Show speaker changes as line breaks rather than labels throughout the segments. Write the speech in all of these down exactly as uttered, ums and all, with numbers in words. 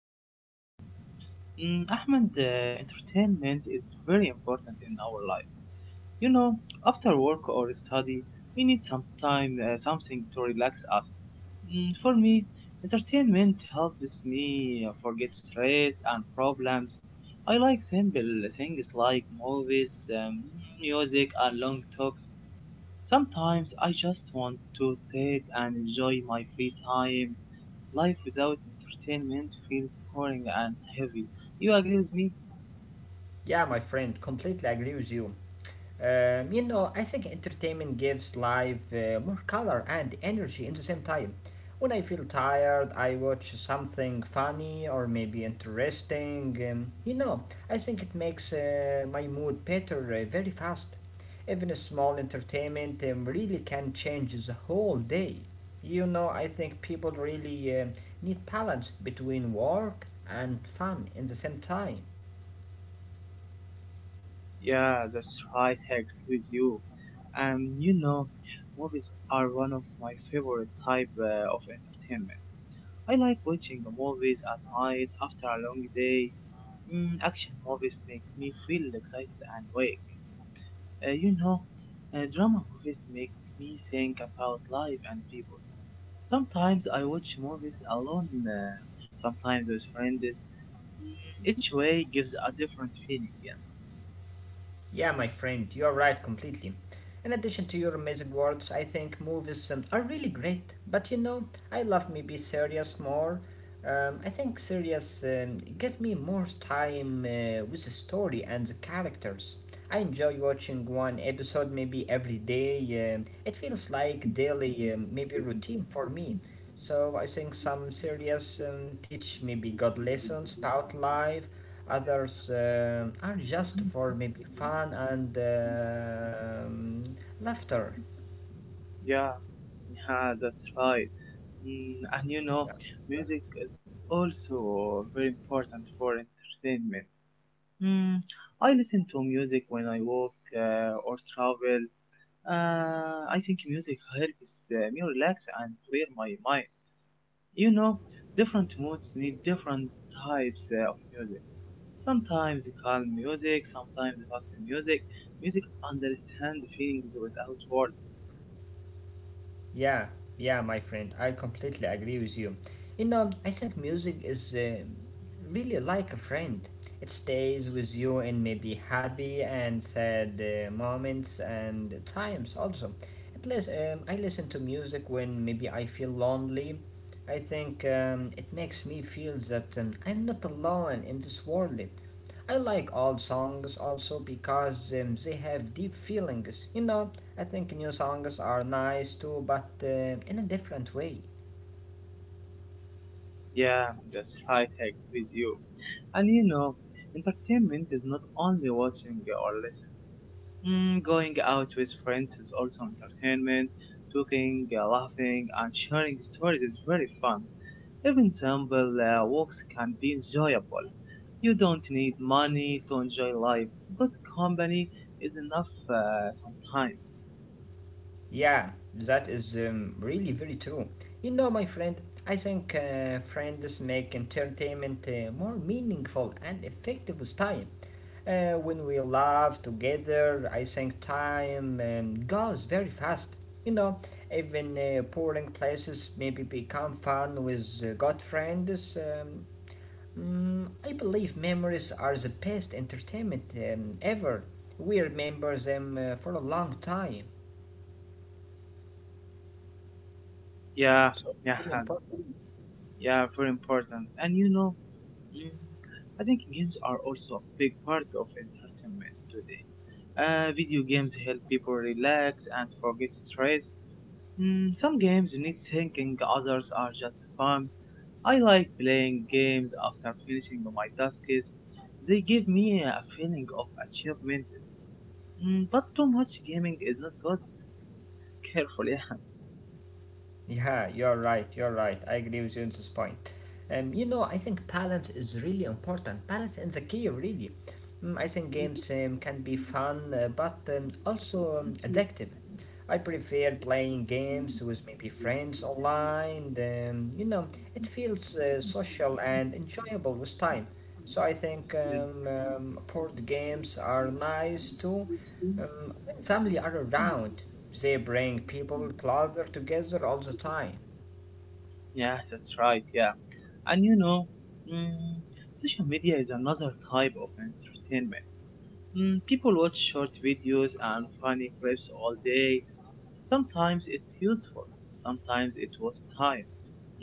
thank you.
Mm, Ahmed, uh, Entertainment is very important in our life. You know, after work or study, we need some time, uh, something to relax us. Mm, for me, entertainment helps me forget stress and problems. I like simple things like movies, um, music, and long talks. Sometimes I just want to sit and enjoy my free time. Life without entertainment feels boring and heavy. You agree with me?
Yeah, my friend, completely agree with you. Um, you know, I think entertainment gives life uh, more color and energy in the same time. When I feel tired, I watch something funny or maybe interesting. Um, you know, I think it makes uh, my mood better uh, very fast. Even a small entertainment um, really can change the whole day. You know, I think people really um need balance between work and fun in the same time.
Yeah, that's right, I agree with you. Um, you know, Movies are one of my favorite type uh, of entertainment. I like watching the movies at night after a long day. Mm, action movies make me feel excited and awake. Uh, you know, uh, Drama movies make me think about life and people. Sometimes I watch movies alone, uh, sometimes with friends. Mm. Each way gives a different feeling. Yeah.
Yeah, my friend, you're right completely. In addition to your amazing words, I think movies um, are really great. But you know, I love maybe serious more. Um, I think serious um, give me more time uh, with the story and the characters. I enjoy watching one episode maybe every day. Um, it feels like daily um, maybe routine for me. So I think some serious um, teach maybe God lessons about life.
Yeah.
Others um, are just for maybe fun and um, laughter.
Yeah, yeah, that's right. Mm, and you know,
Yeah.
music is also very important for entertainment. Mm, I listen to music when I walk uh, or travel. Uh, I think music helps uh, me relax and clear my mind. You know, different moods need different types uh, of music. Sometimes calm music, sometimes fast music. Music understands feelings without words.
Yeah, yeah, my friend, I completely agree with you. You know, I think music is uh, really like a friend. It stays with you in maybe happy and sad uh, moments and times also. At least um, I listen to music when maybe I feel lonely. I think um, it makes me feel that um, I'm not alone in this world. I like all songs also because um, they have deep feelings. You know, I think new songs are nice too, but uh, in a different way.
Yeah, that's right, I agree with you. And you know, entertainment is not only watching or listening. Mm, going out with friends is also entertainment. Talking, uh, laughing, and sharing stories is very fun. Even simple uh, walks can be enjoyable. You don't need money to enjoy life. Good company is enough uh, sometimes.
Yeah, that is um, really very true. You know, my friend, I think uh, friends make entertainment uh, more meaningful and effective with time. Uh, when we laugh together, I think time um, goes very fast. You know, even uh, boring places maybe become fun with uh, good friends. Um, Mm, I believe memories are the best entertainment um, ever. We remember them uh, for a long time.
Yeah,
So,
yeah,
it's really important.
yeah, very important. And you know, mm, I think games are also a big part of entertainment today. Uh, video games help people relax and forget stress. Mm, some games need thinking, others are just fun. I like playing games after finishing my tasks. They give me a feeling of achievement. Mm, but too much gaming is not good. Carefully.
Yeah, you're right. You're right. I agree with you on this point. Um, you know, I think balance is really important. Balance is the key, really. Mm, I think
Yeah.
games um, can be fun, uh, but um, also um, addictive. I prefer playing games with maybe friends online. Um, you know, it feels uh, social and enjoyable with time. So I think
Yeah,
um, um, board games are nice too. Um, when family are around, they bring people closer together all the time.
yeah, that's right, yeah. And you know, mm, Social media is another type of entertainment. Mm, people watch short videos and funny clips all day. Sometimes it's useful, sometimes it was time.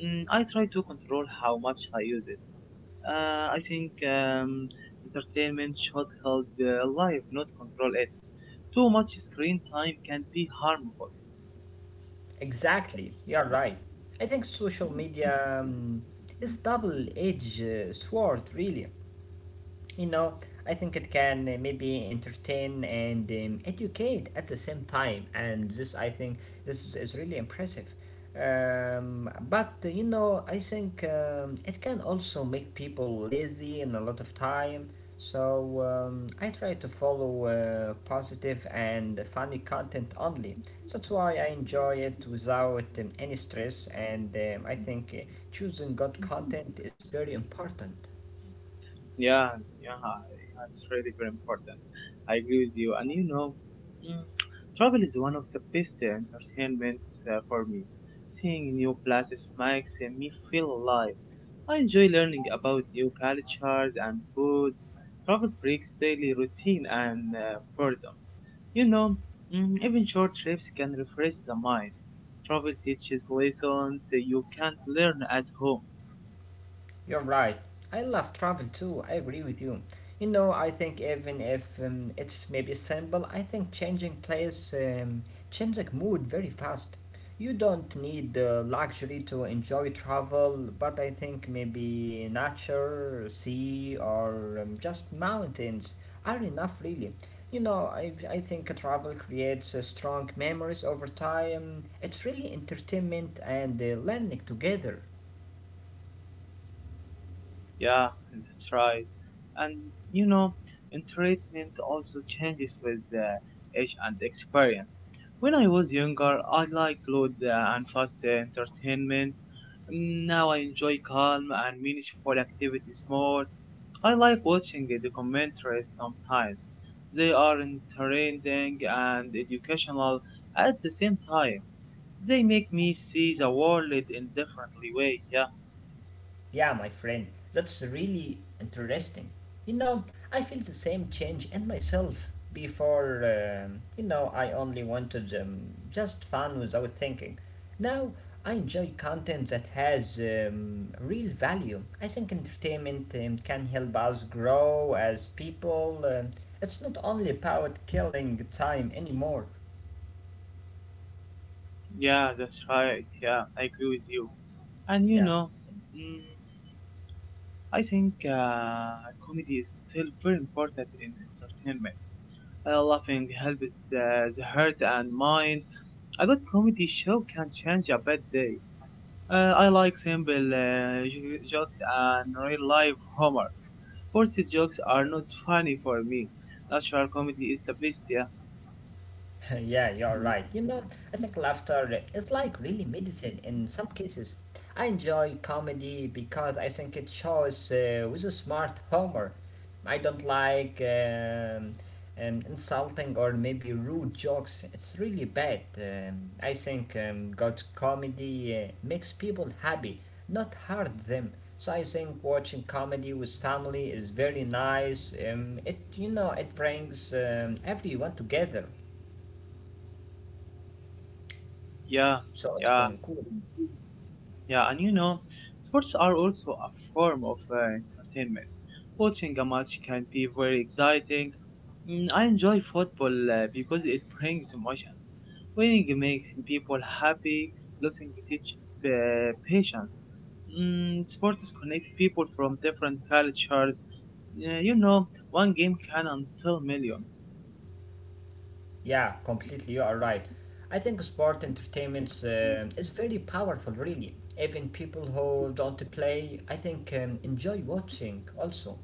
Mm, I try to control how much I use it. Uh, I think um, entertainment should help uh, life, not control it. Too much screen time can be harmful.
Exactly, you're right. I think social media um, is double-edged uh, sword, really. You know, I think it can uh, maybe entertain and um, educate at the same time, and this I think this is- is really impressive. Um, but uh, you know, I think um, it can also make people lazy in a lot of time. So um, I try to follow uh, positive and funny content only. That's why I enjoy it without um, any stress, and um, I think uh, choosing good content is very important.
Yeah, yeah, yeah, it's really very important. I agree with you. And you know, mm, Travel is one of the best uh, entertainments uh, for me. Seeing new places makes uh, me feel alive. I enjoy learning about new cultures and food. Travel breaks daily routine and uh, boredom. You know, mm, Even short trips can refresh the mind. Travel teaches lessons uh, you can't learn at home.
You're right. I love travel too. I agree with you. You know, I think even if um, it's maybe simple, I think changing place um, changes mood very fast. You don't need the luxury to enjoy travel, but I think maybe nature, sea, or um, just mountains are enough really. You know, I, I think travel creates uh, strong memories over time. It's really entertainment and uh, learning together.
Yeah, that's right. And you know, and treatment also changes with uh, age and experience. When I was younger, I liked loud uh, and fast uh, entertainment. Mm, Now I enjoy calm and meaningful activities more. I like watching the documentaries sometimes. They are entertaining and educational at the same time. They make me see the world in differently way. Yeah.
Yeah, my friend, that's really interesting. You know, I feel the same change in myself. Before, um, you know, I only wanted um, just fun without thinking. Now, I enjoy content that has um, real value. I think entertainment um, can help us grow as people. Um, it's not only about killing time anymore.
Yeah, that's right. Yeah, I agree with you. And you
Yeah.
know, mm, I think uh, comedy is still very important in entertainment. Uh, laughing helps uh, the heart and mind. A good comedy show can change a bad day. Uh, I like simple uh, jo- jokes and real life humor. Forced jokes are not funny for me. Natural comedy is the best. Yeah.
Yeah, you're
Mm,
right. You know, I think laughter is like really medicine in some cases. I enjoy comedy because I think it shows uh, with a smart humor. I don't like um, um, insulting or maybe rude jokes. It's really bad. Um, I think um, good comedy uh, makes people happy, not hurt them. So I think watching comedy with family is very nice. Um, it you know it brings um, everyone together.
yeah,
So
yeah.
awesome, cool.
Yeah, and you know, sports are also a form of uh, entertainment. Watching a match can be very exciting. Mm, I enjoy football uh, because it brings emotions. Winning makes people happy, losing teaches uh, patience. Mm, sports connect people from different cultures. Uh, you know, one game can until million.
Yeah, completely. You are right. I think sport entertainment um is very powerful, really. Even people who don't play, I think, um, enjoy watching also.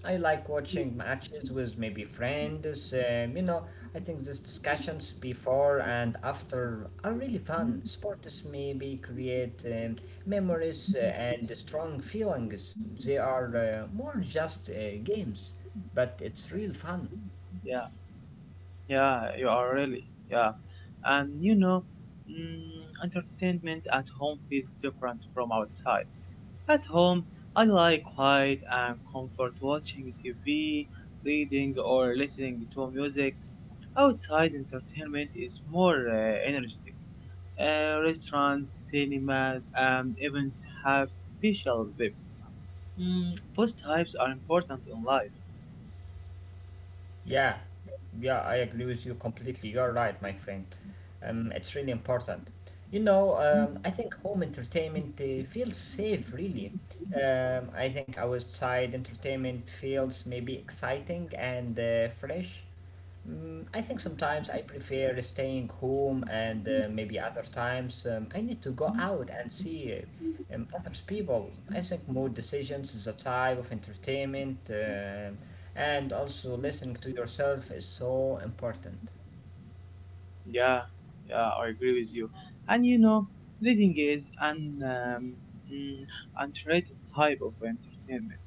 I like watching matches with maybe friends. Um, you know, I think these discussions before and after are really fun. Sports maybe create um, memories uh, and strong feelings. They are uh, more just uh, games, but it's real fun.
Yeah. Yeah, you are really. Yeah. And you know, mm, Entertainment at home feels different from outside. At home, I like quiet and comfort watching T V, reading, or listening to music. Outside, entertainment is more uh, energetic. Uh, restaurants, cinemas, and events have special vibes. Mm, both types are important in life.
Yeah, yeah, I agree with you completely. You're right, my friend. Um, it's really important. You know, um, I think home entertainment uh, feels safe, really. Um, I think outside entertainment feels maybe exciting and uh, fresh. Mm, I think sometimes I prefer staying home, and uh, maybe other times um, I need to go out and see uh, um, other people. I think more decisions is a type of entertainment, um and also listening to yourself is so important.
Yeah, yeah, I agree with you. And you know, reading is an um, mm, underrated type of entertainment.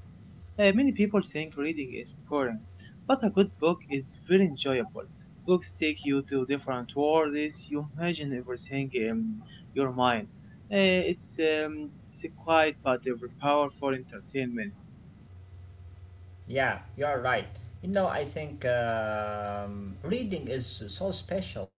Uh, many people think reading is boring, but a good book is very enjoyable. Books take you to different worlds. You imagine everything in your mind. Uh, it's um, it's a quiet but ever powerful entertainment.
Yeah, you're right. You know, I think um, reading is so special.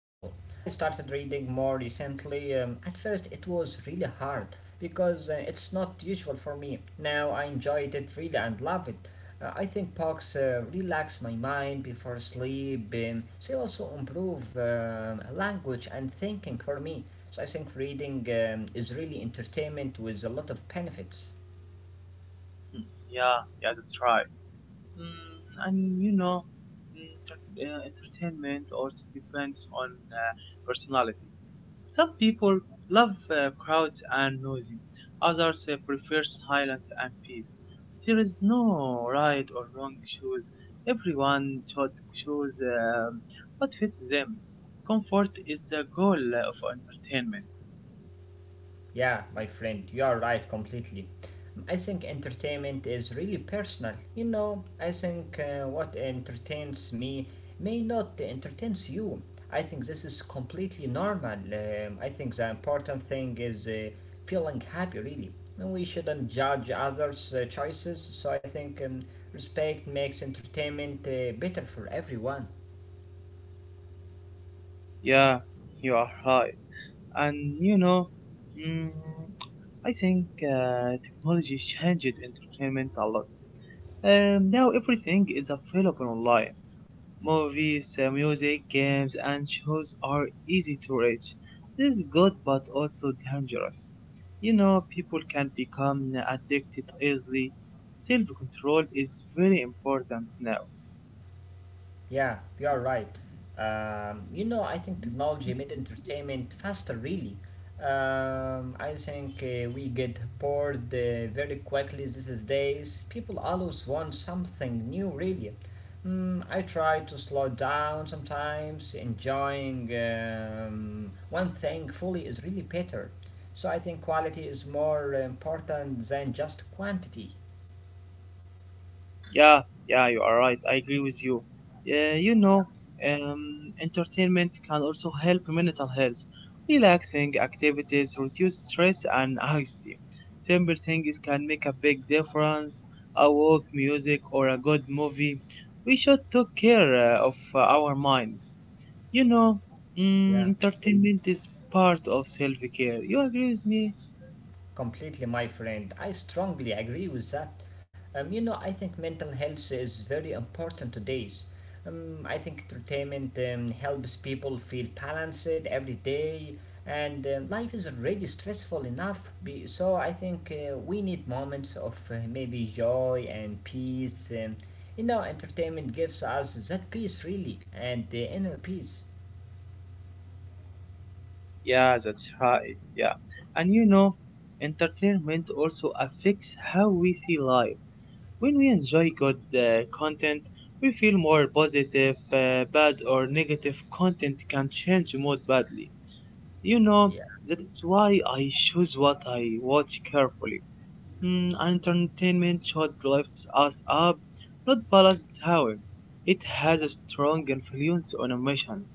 I started reading more recently. Um, at first, it was really hard because uh, it's not usual for me. Now I enjoy it really and love it. Uh, I think books uh, relax my mind before sleep. Um, they also improve um, language and thinking for me. So I think reading um, is really entertainment with a lot of benefits.
Hmm. Yeah, yeah, that's right. Mm, and you know, mm, t- uh, Entertainment also depends on uh, personality. Some people love uh, crowds and noisy, others uh, prefer silence and peace. There is no right or wrong choice. Everyone should choose um, what fits them. Comfort is the goal of entertainment.
Yeah, my friend, you are right completely. I think entertainment is really personal. You know, I think uh, what entertains me may not entertains you. I think this is completely normal. Um, I think the important thing is uh, feeling happy, really. And we shouldn't judge others' uh, choices, so I think um, respect makes entertainment uh, better for everyone.
Yeah, you are right. and you know, mm, I think uh, technology changed entertainment a lot. Um, now everything is available online. Movies, uh, music, games, and shows are easy to reach. This is good but also dangerous. You know, people can become addicted easily. Self control is very important now.
Yeah, you are right. Um, you know, I think technology made entertainment faster, really. Um, I think uh, we get bored uh, very quickly these days. People always want something new, really. Mm, I try to slow down sometimes. Enjoying um, one thing fully is really better. So I think quality is more important than just quantity.
Yeah, yeah, you are right. I agree with you. Yeah, you know, um, entertainment can also help mental health. Relaxing activities reduce stress and anxiety. Simple things can make a big difference. A walk, music, or a good movie. We should take care uh, of uh, our minds. You know,
Yeah.
mm, Entertainment is part of self-care. You agree with me?
Completely, my friend. I strongly agree with that. Um, you know, I think mental health is very important today's. Um, I think entertainment um, helps people feel balanced every day, and um, life is already stressful enough. Be- so I think uh, we need moments of uh, maybe joy and peace. Um, you know, entertainment gives us that peace, really, and the inner peace.
Yeah, that's right. Yeah. And you know, entertainment also affects how we see life. When we enjoy good uh, content, we feel more positive. Uh, bad or negative content can change mood badly. You know,
Yeah.
that's why I choose what I watch carefully. Mm, entertainment should lift us up, not balance down. It has a strong influence on emotions.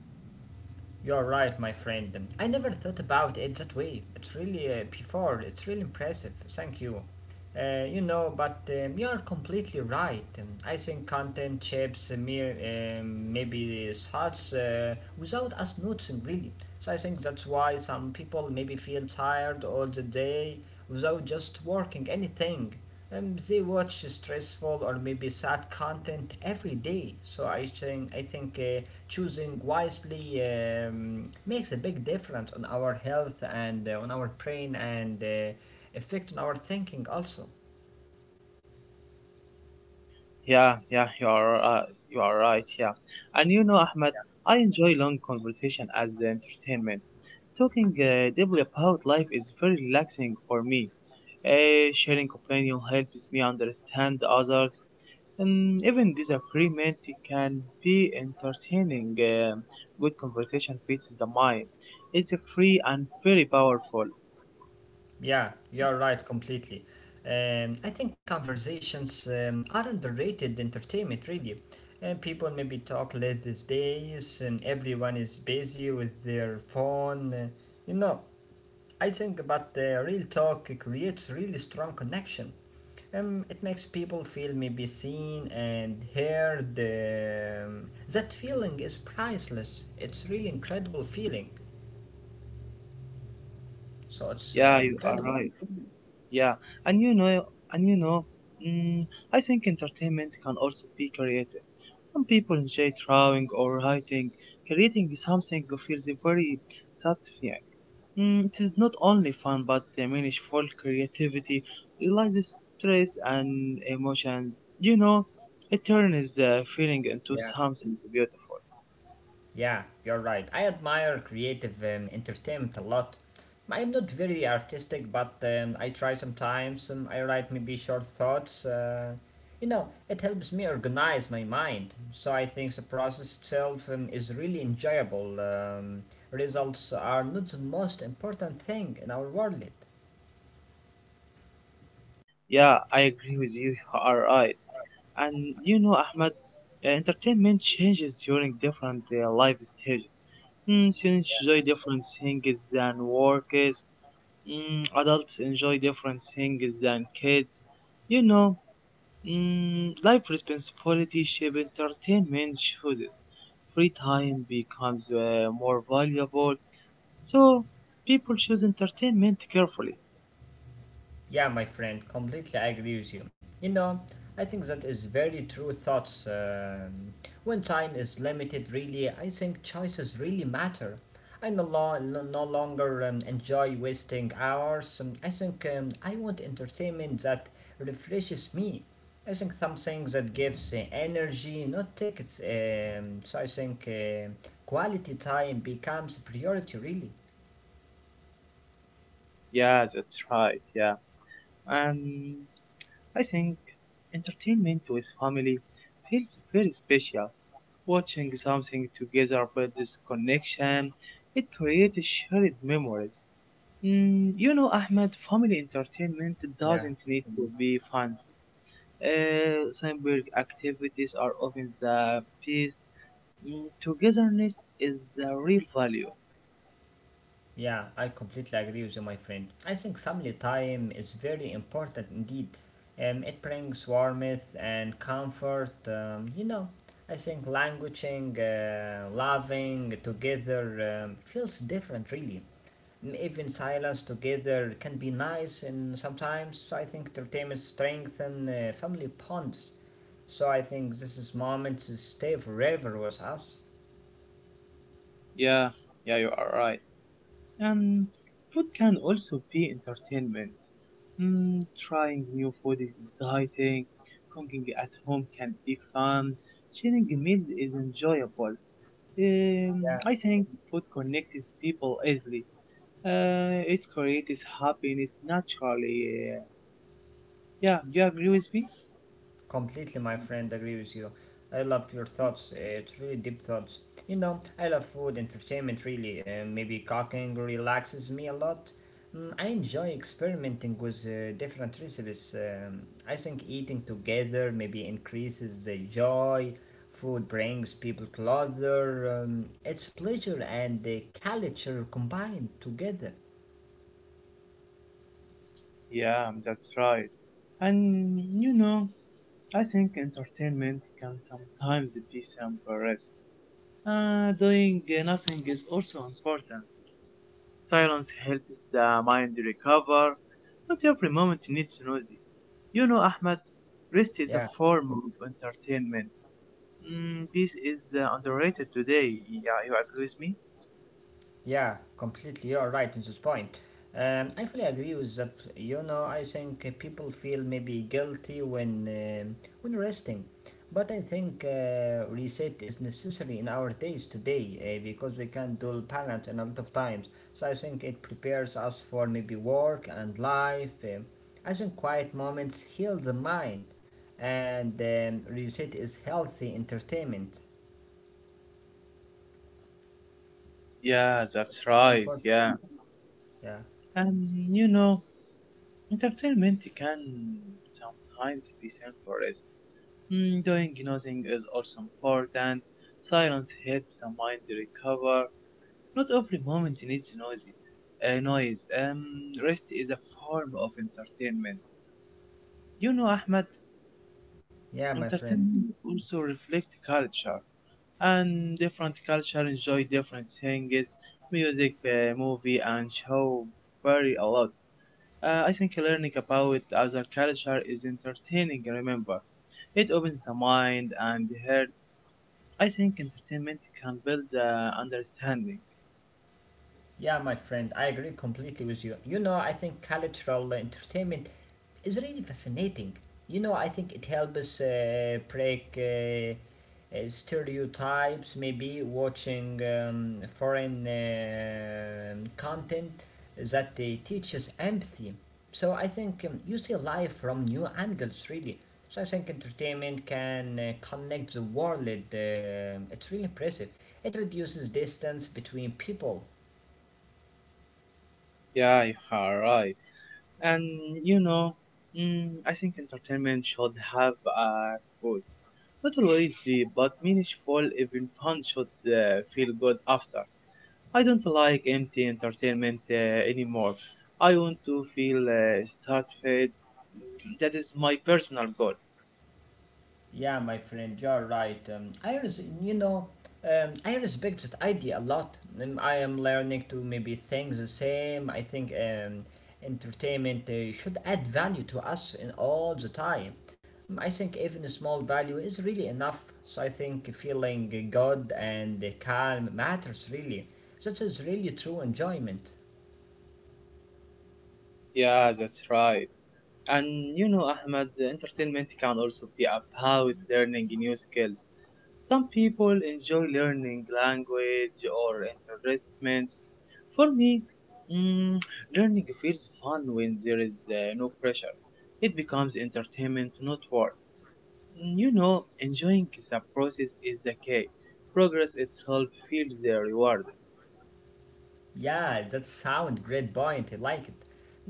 You're right, my friend. I never thought about it that way. It's really uh, before. It's really impressive. Thank you. Uh, you know, but um, you are completely right. Um, I think content shapes uh, mere, um, maybe thoughts uh, without us noticing really. So I think that's why some people maybe feel tired all the day without just working anything. Um, they watch stressful or maybe sad content every day. So I think I think uh, choosing wisely um, makes a big difference on our health and uh, on our brain and uh, effect on our thinking also.
Yeah, yeah, you are uh, you are right. Yeah, and you know, Ahmed, I enjoy long conversation as entertainment. Talking uh, deeply about life is very relaxing for me. Uh, sharing opinion helps me understand others, and even disagreement can be entertaining. Um good conversation feeds the mind. It's free and very powerful.
Yeah, you're right completely. Um, I think conversations um, are underrated entertainment, really. And people maybe talk late these days, and everyone is busy with their phone. uh, You know, I think, but the real talk creates really strong connection. Um, it makes people feel maybe seen and heard. Um, that feeling is priceless. It's really incredible feeling. So it's uh,
Yeah, you are
incredible.
right. Yeah, and you know, and you know, mm, I think entertainment can also be creative. Some people enjoy drawing or writing. Creating something feels very satisfying. Mm, it is not only fun but uh, meaningful creativity releases stress and emotions. You know, it turns the feeling into
Yeah.
something beautiful.
Yeah, you're right. I admire creative um, entertainment a lot. I am not very artistic, but um, I try sometimes. Um, I write maybe short thoughts. Uh, you know, it helps me organize my mind. So I think the process itself um, is really enjoyable. Um, results are not the most important thing in our world.
Yeah, I agree with you. You are right. And you know, Ahmed, uh, entertainment changes during different uh, life stages. Mm, students enjoy different things than workers. Mm, adults enjoy different things than kids. You know, mm, Life responsibility shape entertainment choices. Free time becomes uh, more valuable, so people choose entertainment carefully.
Yeah, my friend, completely I agree with you. You know, I think that is very true thoughts. Um when time is limited, really, I think choices really matter. I no, lo- no No longer um, enjoy wasting hours. Um, I think um, I want entertainment that refreshes me. I think something that gives uh, energy, not tickets. Um, so I think uh, quality time becomes priority, really.
Yeah, that's right. Yeah, and I think entertainment with family feels very special. Watching something together builds connection. It creates shared memories. Mm, you know, Ahmed, family entertainment
Yeah.
doesn't need to be fancy. Uh, simple activities are often the best. Mm, togetherness is the real value.
Yeah, I completely agree with you, my friend. I think family time is very important indeed. Um, it brings warmth and comfort. Um, you know, I think languishing, uh, loving together um, feels different, really. M- Even silence together can be nice, and sometimes so I think entertainment strengthen uh, family bonds. So I think this is moments to stay forever with us.
Yeah, yeah, you are right. Um, Food can also be entertainment. Mm, trying new food is exciting. Cooking at home can be fun. Sharing meals is enjoyable. Um, I think food connects people easily. Uh, it creates happiness naturally. Uh, yeah, you agree with me?
Completely, my friend, agree with you. I love your thoughts. uh, It's really deep thoughts. You know, I love food, entertainment, really. Uh, maybe cooking relaxes me a lot. Mm, I enjoy experimenting with uh, different recipes. Um, I think eating together maybe increases the joy. Food brings people closer. Um, it's pleasure and the culture combined together.
Yeah, that's right. And you know, I think entertainment can sometimes be simple. Uh, doing uh, nothing is also important. Silence helps the mind recover. Not every moment needs noisy. You know, Ahmed, rest is a
Yeah.
form of entertainment. Mm, this is uh, underrated today. Yeah, you agree with me?
Yeah, completely. You're right in this point. Um, I fully agree with that. You know, I think uh, people feel maybe guilty when um when resting, but I think uh, reset is necessary in our days today uh, because we can do balance in a lot of times. So I think it prepares us for maybe work and life. Um I think quiet moments heal the mind, and um, reset is healthy entertainment.
Yeah,
So it's
that's
very
right.
important.
Yeah.
Yeah,
And you know, entertainment can sometimes be simplest. Mm, doing nothing is also important. Silence helps the mind recover. Not every moment needs noisy, uh, noise. Um, rest is a form of entertainment. You know, Ahmed,
yeah, my friend.
entertainment also reflects culture, and different culture enjoy different things, music, uh, movie, and show vary a lot. Uh, I think learning about other culture is entertaining. Remember, it opens the mind and the heart. I think entertainment can build uh, understanding.
Yeah, my friend, I agree completely with you. You know, I think cultural entertainment is really fascinating. You know, I think it helps uh, break uh, uh, stereotypes, maybe watching um, foreign um content that uh, teaches empathy. So I think um, you see life from new angles, really. So I think entertainment can uh, connect the world. Um it's really impressive. It reduces distance between people.
Yeah, you are right. and you know, mm, I think entertainment should have a purpose. Not always deep, but meaningful. Even fun should uh, feel good after. I don't like empty entertainment uh, anymore. I want to feel uh, satisfied. That is my personal goal.
Yeah, my friend, you're right. Um, I res- you know, um, I respect that idea a lot. Um, I am learning to maybe think the same. I think um, entertainment uh, should add value to us in all the time. Um, I think even a small value is really enough. So I think feeling good and calm matters really. That is really true enjoyment.
Yeah, that's right. And you know, Ahmed, entertainment can also be about learning new skills. Some people enjoy learning language or entertainments. For me, mm, learning feels fun when there is uh, no pressure. It becomes entertainment, not work. Mm, You know, enjoying the process is the key. Progress itself feels the rewarding.
Yeah, that sound great point. I like it.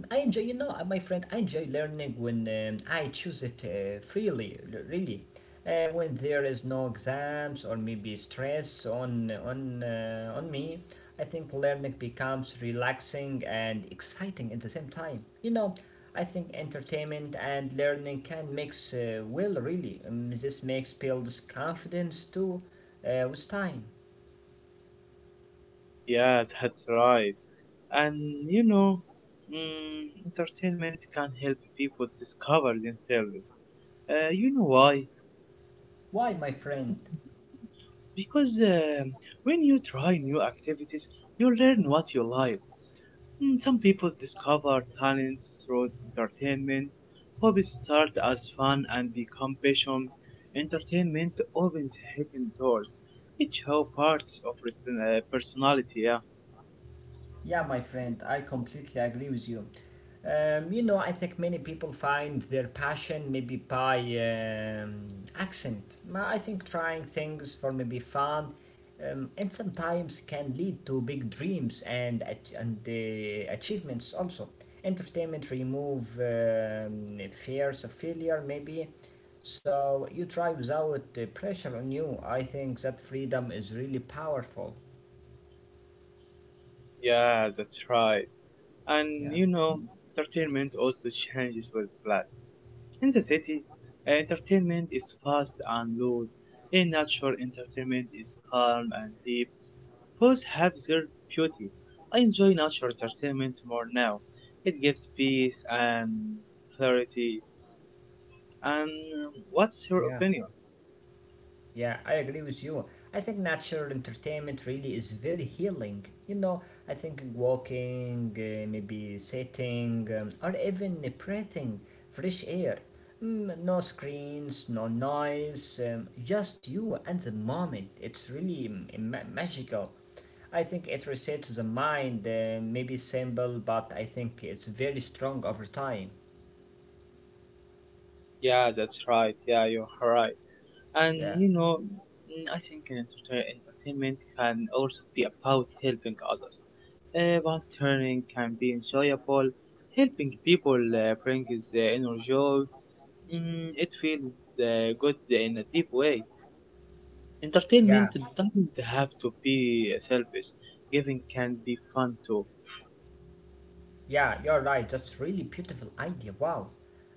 I enjoy, you know, My friend, I enjoy learning when um, I choose it uh, freely, l- really. Uh, when there is no exams or maybe stress on on uh, on me, I think learning becomes relaxing and exciting at the same time. You know, I think entertainment and learning can mix uh, well, really. Um, this makes builds confidence too uh, with time.
Yeah, that's right. And you know, mm, Entertainment can help people discover themselves. Uh, you know why?
Why, my friend?
Because um, when you try new activities, you learn what you like. Mm, Some people discover talents through entertainment. Hobbies start as fun and become passion. Entertainment opens hidden doors. It shows parts of person- uh, personality. Yeah,
Yeah, my friend, I completely agree with you. Um, you know, I think many people find their passion maybe by um, accent. Ma- I think trying things for maybe fun um, and sometimes can lead to big dreams and, ach- and uh, achievements also. Entertainment remove um, fears of failure maybe. So you try without uh, pressure on you. I think that freedom is really powerful.
yeah, that's right. And
Yeah,
you know, entertainment also changes with place. In the city, uh, entertainment is fast and loud. In nature, entertainment is calm and deep. Both have their beauty. I enjoy natural entertainment more now. It gives peace and clarity. And um, what's your
yeah.
opinion?
Yeah, I agree with you. I think natural entertainment really is very healing. You know, I think walking, uh, maybe sitting, um, or even breathing fresh air. Mm, no screens, no noise, um, just you and the moment. It's really mm, ma- magical. I think it resets the mind, uh, maybe simple, but I think it's very strong over time.
Yeah, that's right. Yeah, you're right. And
Yeah.
you know, mm, I think enter- entertainment can also be about helping others. Uh, volunteering can be enjoyable. Helping people uh, brings uh, inner joy. Mm, it feels uh, good in a deep way.
Yeah.
Entertainment doesn't have to be uh, selfish. Giving can be fun too.
Yeah, you're right. That's really beautiful idea. Wow.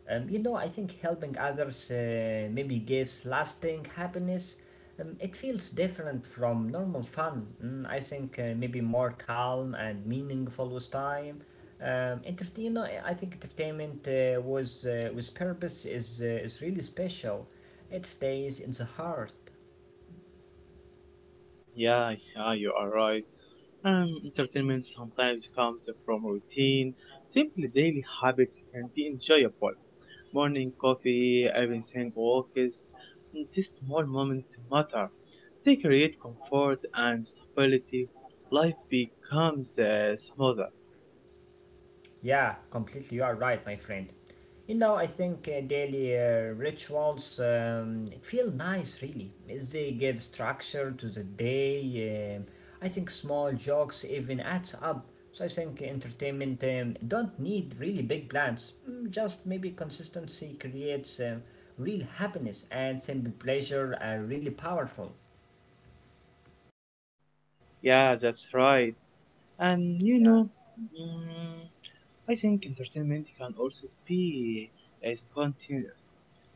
Um, you know, I think helping others uh, maybe gives lasting happiness. Um, it feels different from normal fun. Mm, I think uh, maybe more calm and meaningful with time. Um, entertain, you know, I think entertainment uh, was uh, with purpose is uh, is really special. It stays in the heart.
Yeah, yeah, you are right. Um, entertainment sometimes comes from routine. Simply daily habits can be enjoyable. Morning coffee, evening walks. These small moments matter. They create comfort and stability. Life becomes uh, smoother.
Yeah, completely. You are right, my friend. You know, I think uh, daily uh, rituals um, feel nice, really. They give structure to the day. um I think small jokes even adds up. So I think entertainment um, don't need really big plans. Mm, just maybe consistency creates um, real happiness and simple pleasure are really powerful.
Yeah, that's right. And you
Yeah.
know, mm, I think entertainment can also be uh, spontaneous.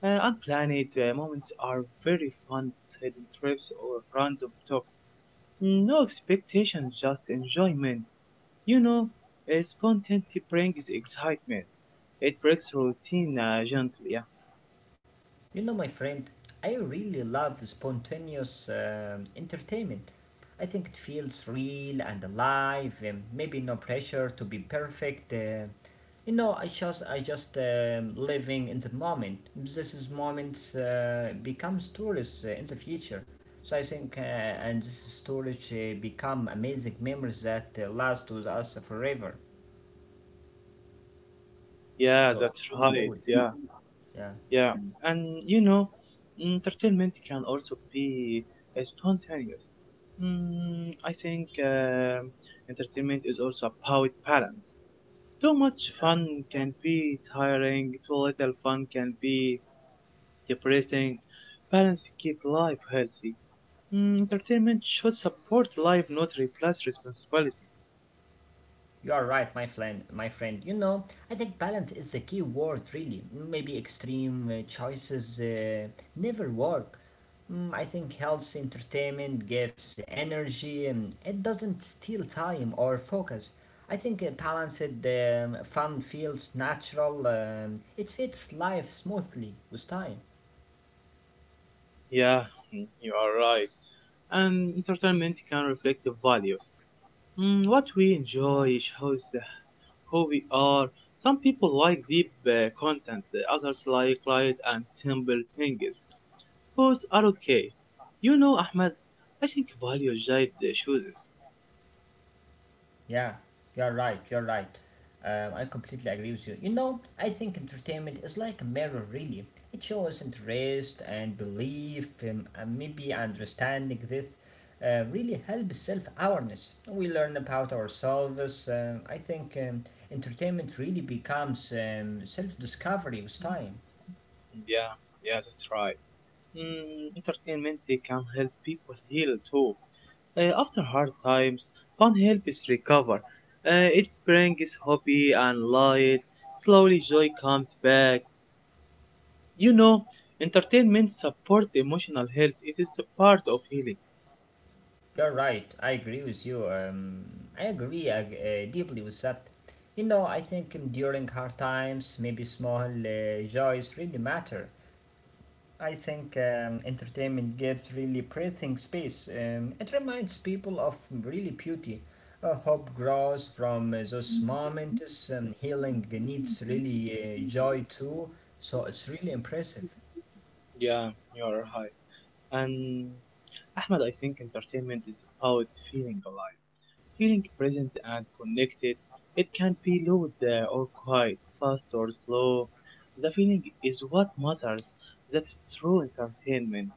Uh, unplanned uh, moments are very fun, sudden trips or random talks. Mm, No expectations, just enjoyment. You know, uh, spontaneity brings excitement. It breaks routine uh, gently. Yeah,
You know, my friend, I really love spontaneous um, entertainment. I think it feels real and alive, and maybe no pressure to be perfect. Uh, you know, I just, I just um living in the moment. This is moments uh, becomes stories uh, in the future. So I think, uh, and this storage uh, become amazing memories that uh, last with us forever.
yeah,
So it's
that's
really
right.
cool.
Yeah.
Yeah.
Yeah, and you know, entertainment can also be uh, spontaneous. Mm, I think um entertainment is also about balance. Too much fun can be tiring, too little fun can be depressing. Balance keep life healthy. Mm, entertainment should support life, not replace responsibility.
You are right, my friend. My friend, you know, I think balance is the key word, really. Maybe extreme uh, choices uh, never work. Mm, I think health entertainment gives energy. Um, it doesn't steal time or focus. I think uh, balanced um, fun feels natural. Um, it fits life smoothly with time.
Yeah, mm, you are right. And entertainment can reflect the values. Mm, what we enjoy shows who we are. Some people like deep uh, content, the others like light and simple things. Both are okay. You know, Ahmed, I think value guide the choices.
Yeah, you're right, you're right. Um, I completely agree with you. You know, I think entertainment is like a mirror, really. It shows interest and belief, um, and maybe understanding this uh, really helps self awareness. We learn about ourselves. Um, I think um, Entertainment really becomes um, self discovery with time.
Yeah, yeah, that's right. Mm, entertainment can help people heal too. Uh, after hard times, fun helps recover. Uh, it brings hobby and light. Slowly joy comes back. You know, entertainment supports emotional health. It is a part of healing.
You're right. I agree with you. Um, I agree uh, uh, deeply with that. You know, I think um, during hard times, maybe small uh, joys really matter. I think um, entertainment gives really breathing space. Um, it reminds people of really beauty. Uh, hope grows from uh, those moments. Um, healing needs really uh, joy too. So it's really impressive.
Yeah, you're right. And Ahmed, I think entertainment is about feeling alive, feeling present and connected. It can be loud uh, or quiet, fast or slow. The feeling is what matters. That's true entertainment.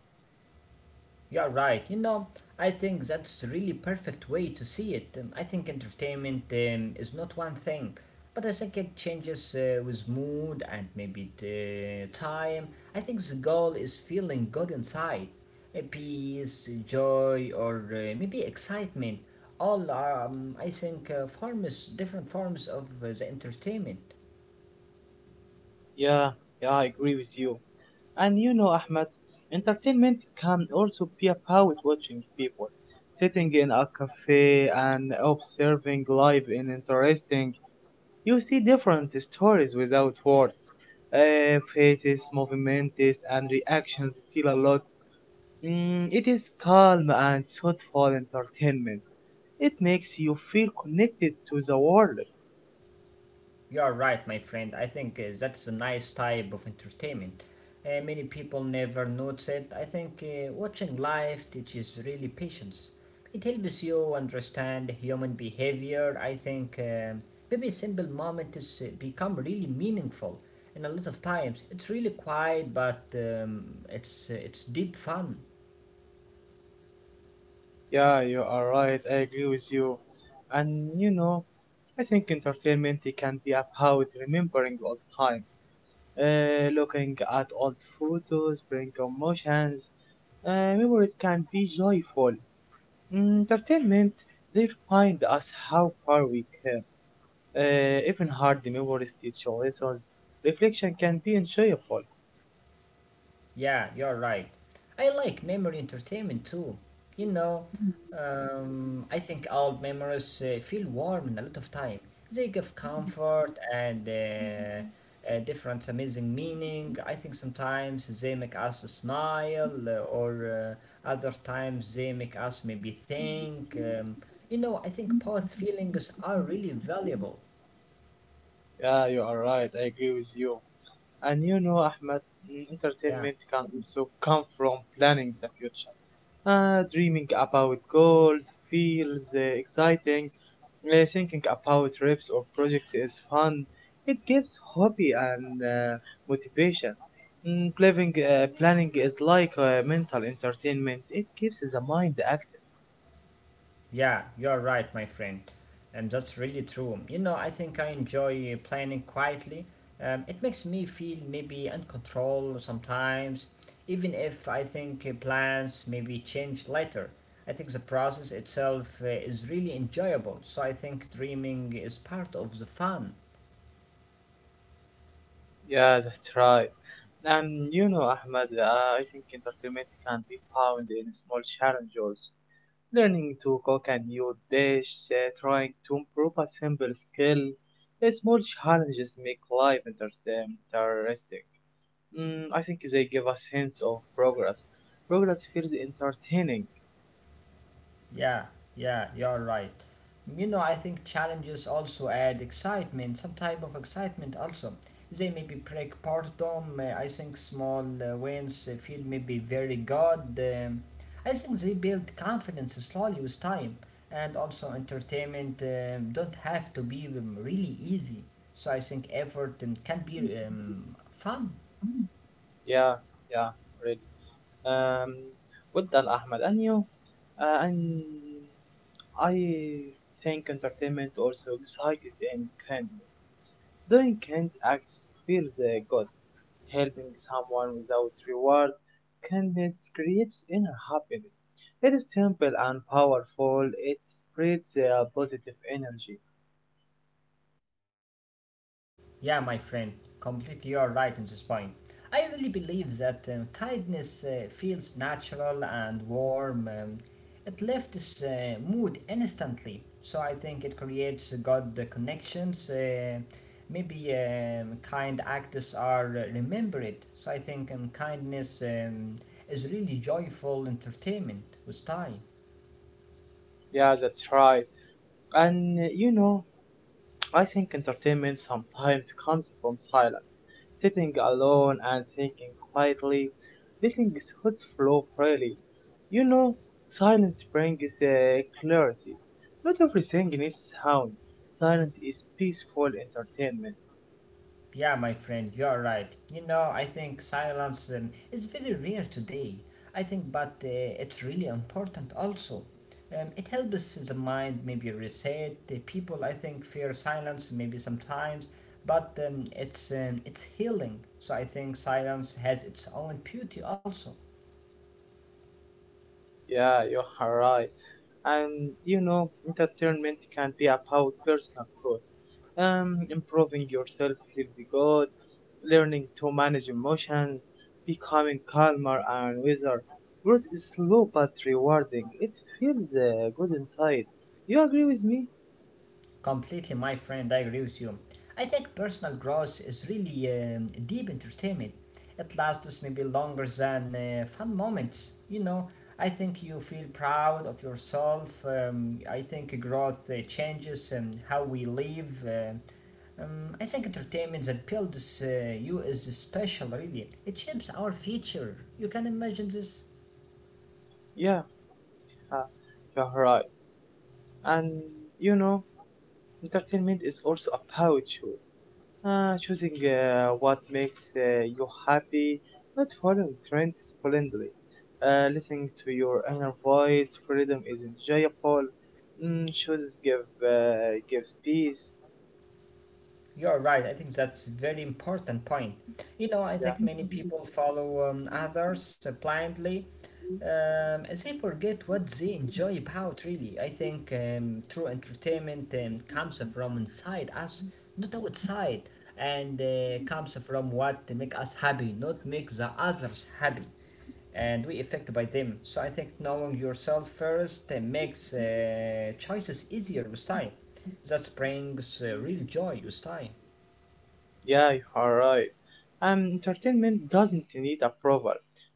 You're right. You know, I think that's really perfect way to see it. Um, I think entertainment um, is not one thing, but I think it changes uh, with mood and maybe the time. I think the goal is feeling good inside. A Peace, joy, or uh, maybe excitement. All are, um, I think, uh, forms, different forms of uh, the entertainment.
Yeah, yeah, I agree with you. And you know, Ahmed, entertainment can also be about watching people, sitting in a cafe and observing life in interesting. You see different stories without words. Uh, faces, movements, and reactions tell a lot. Mm, it is calm and thoughtful entertainment. It makes you feel connected to the world.
You're right, my friend. I think uh, that's a nice type of entertainment. Uh, many people never notice it. I think uh, watching live teaches really patience. It helps you understand human behavior. I think um, maybe a simple moment has uh, become really meaningful. And a lot of times, it's really quiet, but um, it's uh, it's deep fun.
Yeah, you are right. I agree with you. And you know, I think entertainment it can be about remembering old times, uh, looking at old photos, bring emotions. Uh, memories can be joyful. Mm, Entertainment, they remind us how far we came. Uh, even hard memories teach lessons. Reflection can be enjoyable.
Yeah, you're right. I like memory entertainment too. You know, um, I think old memories uh, feel warm in a lot of time. They give comfort and uh, uh, different amazing meaning. I think sometimes they make us smile, uh, or uh, other times they make us maybe think. Um, you know, I think both feelings are really valuable.
Yeah, you are right. I agree with you. And you know, Ahmed, mm, entertainment
Yeah.
can also come from planning the future, uh, dreaming about goals feels uh, exciting, uh, thinking about trips or projects is fun. It gives hobby and uh, motivation. Mm, planning, uh, planning is like uh, mental entertainment. It keeps the mind active.
Yeah, you're right, my friend. Um, that's really true. You know, I think I enjoy planning quietly. Um, it makes me feel maybe in control sometimes, even if I think uh, plans maybe change later. I think the process itself uh, is really enjoyable. So I think dreaming is part of the fun.
Yeah, that's right. And you know, Ahmed, uh, I think entertainment can be found in small challenges. Learning to cook a new dish, uh, trying to improve a simple skill, uh, small challenges make life inter- um, interesting. Mm, I think they give a sense of progress. Progress feels entertaining.
Yeah, yeah, you're right. You know, I think challenges also add excitement, some type of excitement also. They maybe break boredom. uh, I think small uh, wins uh, feel maybe very good. Um, I think they build confidence slowly with time, and also entertainment um, don't have to be um, really easy. So I think effort um, can be um, fun.
Yeah, yeah, really. Um, well done, Ahmed. And you? Uh, and I think entertainment also excites and kindness. Doing kind acts feels uh, good. Helping someone without reward, kindness creates inner happiness. It is simple and powerful. It spreads a positive energy.
Yeah, my friend, completely you're right on this point. I really believe that um, kindness uh, feels natural and warm. Um, it lifts uh, mood instantly, so I think it creates good connections. Uh, maybe um, kind acts are remembered, so I think um, kindness um, is really joyful entertainment with time.
Yeah, that's right. And uh, you know, I think entertainment sometimes comes from silence. Sitting alone and thinking quietly, letting thoughts flow freely. You know, silence brings uh, clarity. Not everything is sound. Silence is peaceful entertainment.
Yeah, my friend, you're right. You know, I think silence um, is very rare today. I think, but uh, It's really important also. Um, it helps the mind maybe reset. The people, I think, fear silence maybe sometimes, but um, it's um, it's healing. So I think silence has its own beauty also.
Yeah, you are right. And you know, entertainment can be about personal growth, um, improving yourself feels good, learning to manage emotions, becoming calmer and wiser. Growth is slow but rewarding. It feels uh, good inside. You agree with me?
Completely, my friend, I agree with you. I think personal growth is really um, deep entertainment. It lasts maybe longer than uh, fun moments. You know, I think you feel proud of yourself. Um, I think growth uh, changes um, how we live. Uh, um, I think entertainment that builds uh, you is special, really. It shapes our future. You can imagine this?
Yeah, uh, you're right. And you know, entertainment is also about choice. Uh, choosing uh, what makes uh, you happy, not following trends blindly. Uh, listening to your inner voice, freedom is enjoyable. Mm, choices give uh, gives peace.
You're right. I think that's very important point. You know, I
Yeah,
think many people follow um, others uh, blindly um, as they forget what they enjoy about, really. I think um, true entertainment um, comes from inside us, not outside, and uh, comes from what make us happy, not make the others happy and we affected by them. So I think knowing yourself first uh, makes uh, choices easier with time. That brings uh, real joy with time.
yeah, you are right. Um, entertainment doesn't need approval.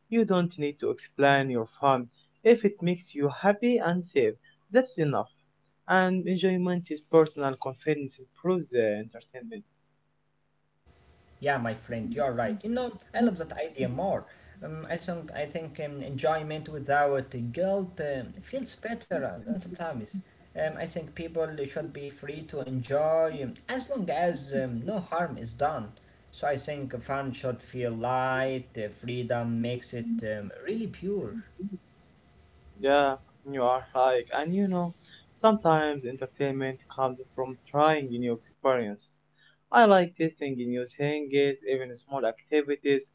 You don't need to explain your fun. If it makes you happy and safe, that's enough. And enjoyment is personal. Confidence improves uh, entertainment.
Yeah, my friend, you're right. You know, I love that idea more. Um, I think I think um, enjoyment without guilt um, feels better, and sometimes um, I think people should be free to enjoy um, as long as um, no harm is done. So I think fun should feel light. Uh, freedom makes it um, really pure.
Yeah, you are right. And you know, sometimes entertainment comes from trying new experiences. I like testing new things, even small activities.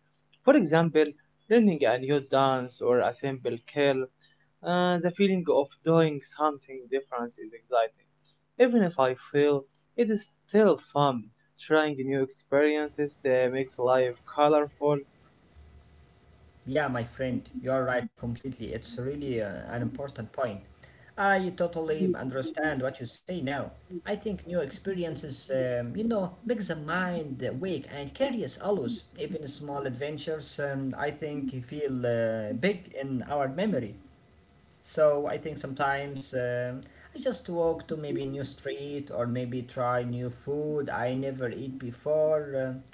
For example, learning a new dance or a simple skill. Uh, the feeling of doing something different is exciting. Even if I fail, it is still fun. Trying new experiences uh, makes life colorful.
Yeah, my friend, you're right completely. It's really uh, an important point. I totally understand what you say now. I think new experiences, um, you know, make the mind awake and curious always. Even small adventures, um, I think, feel uh, big in our memory. So I think sometimes um, I just walk to maybe new street or maybe try new food I never eat before. um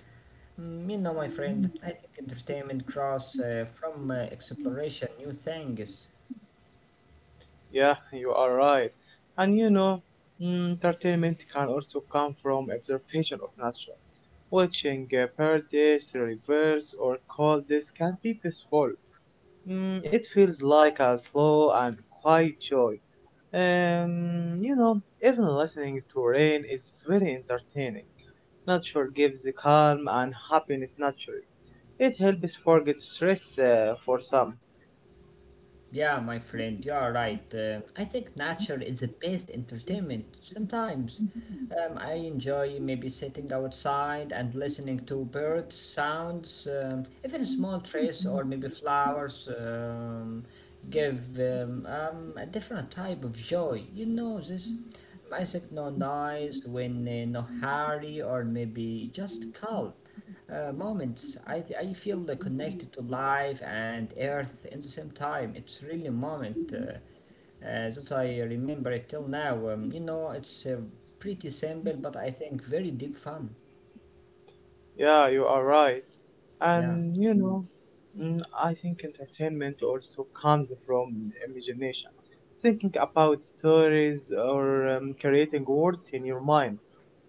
Mm, You know, my friend, I think entertainment grows uh, from uh, exploration, new things.
Yeah, you are right. And you know, mm, entertainment can also come from observation of nature. Watching uh, birds, rivers, or clouds can be peaceful. Mm, it feels like a slow and quiet joy. Um, you know, even listening to rain is very entertaining. Nature gives the calm and happiness naturally. It helps forget stress uh, for some.
Yeah, my friend, you are right. Um, I think nature is the best entertainment. Sometimes um, I enjoy maybe sitting outside and listening to birds, sounds, um, even small trees or maybe flowers um, give um, um, a different type of joy. You know this. I think no noise, when uh, no hurry, or maybe just calm uh, moments. I, th- I feel uh, connected to life and earth in the same time. It's really a moment uh, uh, that I remember it till now. Um, you know, it's uh, pretty simple, but I think very deep fun.
Yeah, you are right.
Yeah.
And you know, mm, I think entertainment also comes from imagination, thinking about stories or um, creating words in your mind.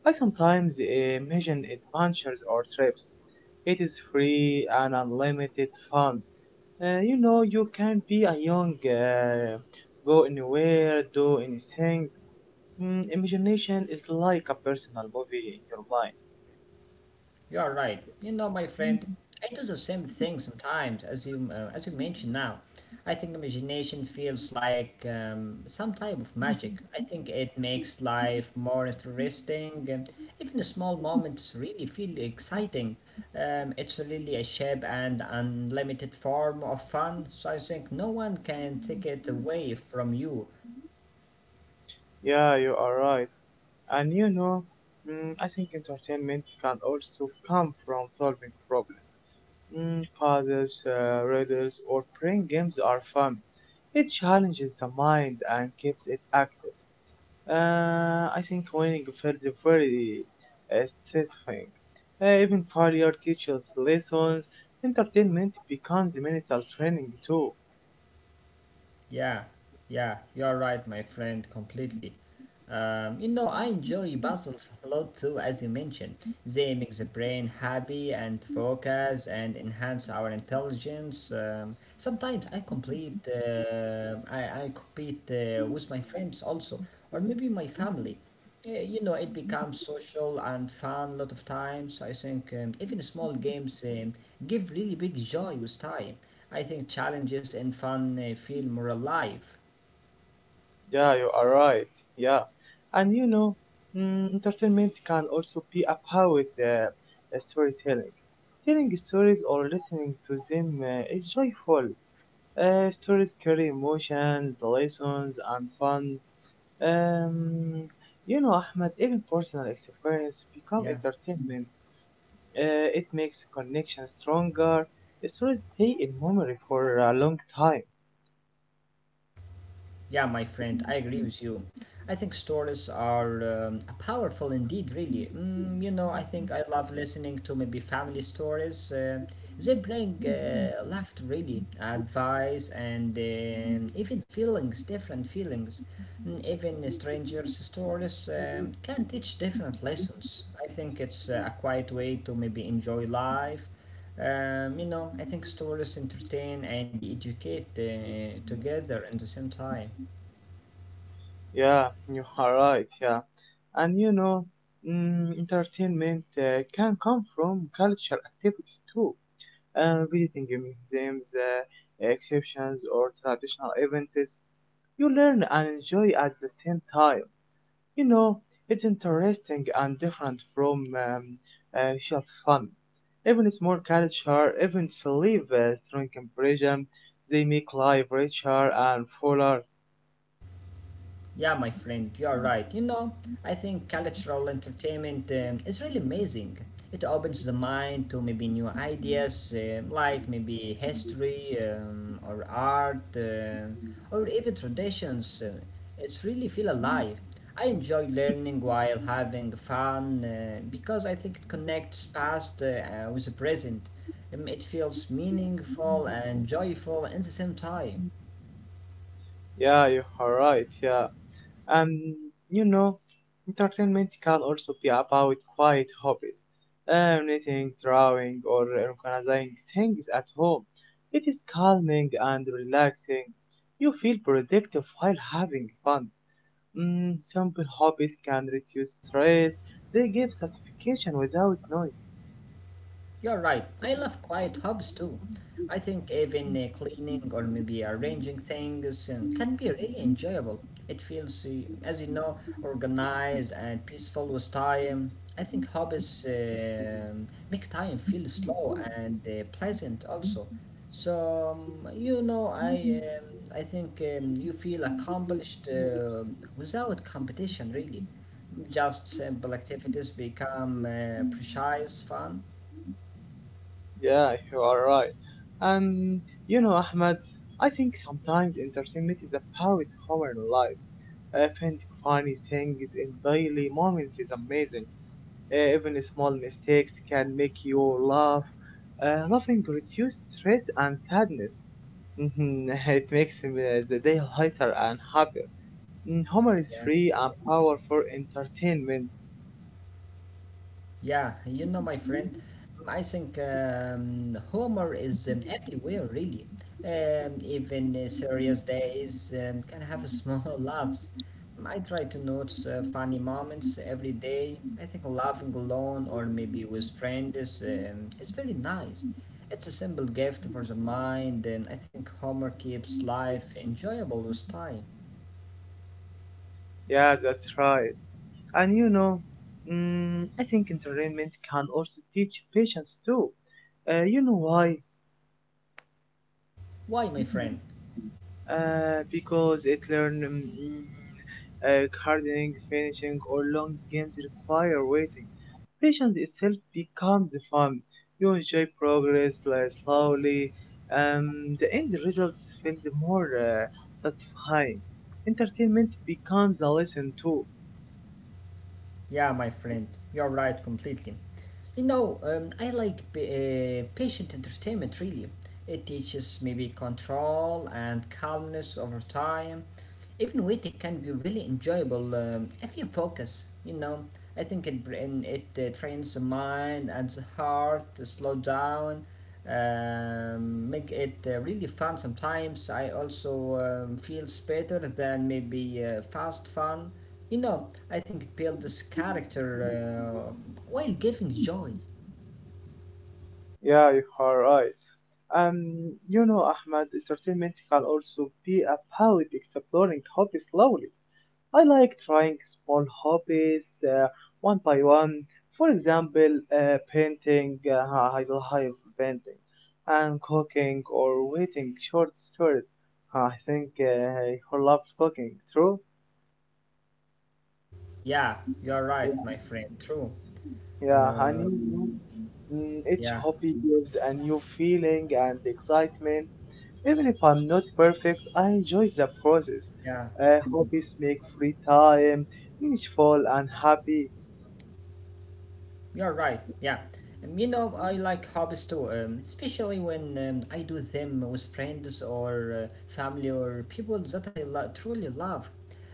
I sometimes imagine adventures or trips. It is free and unlimited fun. Uh, you know, you can be a young, uh, go anywhere, do anything. Mm, imagination is like a personal movie in your mind.
You're right. You know, my friend, I do the same thing sometimes, as you uh, as you mentioned now. I think imagination feels like um, some type of magic. I think it makes life more interesting. And Even small moments really feel exciting. Um, it's really a shape and unlimited form of fun. So I think no one can take it away from you.
Yeah, you are right. And you know, mm, I think entertainment can also come from solving problems. Mm, puzzles, uh, riddles, or playing games are fun. It challenges the mind and keeps it active. Uh, I think winning feels very uh, satisfying. Uh, even failure teaches lessons. Entertainment becomes mental training too.
Yeah, yeah, you're right, my friend, completely. Um, you know, I enjoy puzzles a lot too, as you mentioned. They make the brain happy and focus and enhance our intelligence. Um, sometimes I complete, uh, I, I compete uh, with my friends also, or maybe my family. Yeah. You know, it becomes social and fun a lot of times. I think um, even small games um, give really big joy with time. I think challenges and fun uh, feel more alive.
Yeah, you are right. Yeah, and you know, mm, entertainment can also be about uh, uh, storytelling. Telling stories or listening to them uh, is joyful. Uh, stories carry emotions, lessons, and fun. Um, you know, Ahmed, even personal experience become
Yeah.
entertainment. Uh, it makes connection stronger. Stories stay in memory for a long time.
Yeah, my friend, I agree with you. I think stories are um, powerful indeed, really. Mm, you know, I think I love listening to maybe family stories. Uh, they bring uh, laughter, really, advice, and um even feelings, different feelings. Mm, even strangers' stories um, can teach different lessons. I think it's uh, a quiet way to maybe enjoy life. Um, you know, I think stories entertain and educate uh, together at the same time.
Yeah, you are right. Yeah, and you know, mm, entertainment uh, can come from cultural activities too. Uh, visiting museums, uh, exhibitions, or traditional events, you learn and enjoy at the same time. You know, it's interesting and different from um, uh, shelf fun. Even small culture events leave a strong impression. They make life richer and fuller.
Yeah, my friend, you're right. You know, I think cultural entertainment um, is really amazing. It opens the mind to maybe new ideas, um, like maybe history um, or art um or even traditions. Uh, It's really feel alive. I enjoy learning while having fun uh, because I think it connects past uh, uh, with the present. Um, it feels meaningful and joyful at the same time.
Yeah, you are right. Yeah. Um, you know, entertainment can also be about quiet hobbies, uh, knitting, drawing, or organizing things at home. It is calming and relaxing. You feel productive while having fun. Mm, simple hobbies can reduce stress. They give satisfaction without noise.
You're right. I love quiet hobs too. I think even uh, cleaning or maybe arranging things um, can be really enjoyable. It feels, uh, as you know, organized and peaceful with time. I think hobbies um, make time feel slow and uh, pleasant also. So um, you know, I um, I think um, you feel accomplished uh, without competition really. Just simple activities become uh, precise fun.
Yeah, you are right. Um, you know, Ahmed, I think sometimes entertainment is about our life. I funny things in daily moments is amazing. Uh, even small mistakes can make you laugh. Uh, laughing reduces stress and sadness. Mhm, it makes uh, the day lighter and happier. Mm, humor is
Yeah.
free and powerful entertainment.
Yeah, you know, my friend, I think um, humor is um, everywhere, really. Um, even uh, serious days um, can have small laughs. I try to notice uh, funny moments every day. I think laughing alone or maybe with friends is, um, is very nice. It's a simple gift for the mind, and I think humor keeps life enjoyable with time.
Yeah, that's right. And you know, mm, I think entertainment can also teach patience too. Uh, you know why?
Why, my friend?
uh, because it learn um, mm, uh, gardening, finishing, or long games require waiting. Patience itself becomes fun. You enjoy progress like, slowly. Um, the end result feels more uh, satisfying. Entertainment becomes a lesson too.
Yeah, my friend, you're right completely. You know, um, I like p- uh, patient entertainment really. It teaches maybe control and calmness over time. Even waiting can be really enjoyable um, if you focus, you know. I think it, brain, it uh, trains the mind and the heart to slow down, um, make it uh, really fun sometimes. I also um, feels better than maybe uh, fast fun you know, I think it builds character uh, while giving joy.
Yeah, you are right. Um, you know, Ahmad, entertainment can also be about exploring hobbies slowly. I like trying small hobbies uh, one by one. For example, uh, painting, uh, I will have painting, and cooking or waiting short stories. I think uh, I love cooking, true?
Yeah, you're
Yeah,
right, my friend. True.
yeah,
Uh,
honey. Mm, each
yeah,
hobby gives a new feeling and excitement. Even if I'm not perfect, I enjoy the process.
yeah,
Uh, hobbies make free time meaningful and happy.
you're right. Yeah. Um, you know, I like hobbies too, um, especially when um, I do them with friends or uh, family or people that I lo- truly love.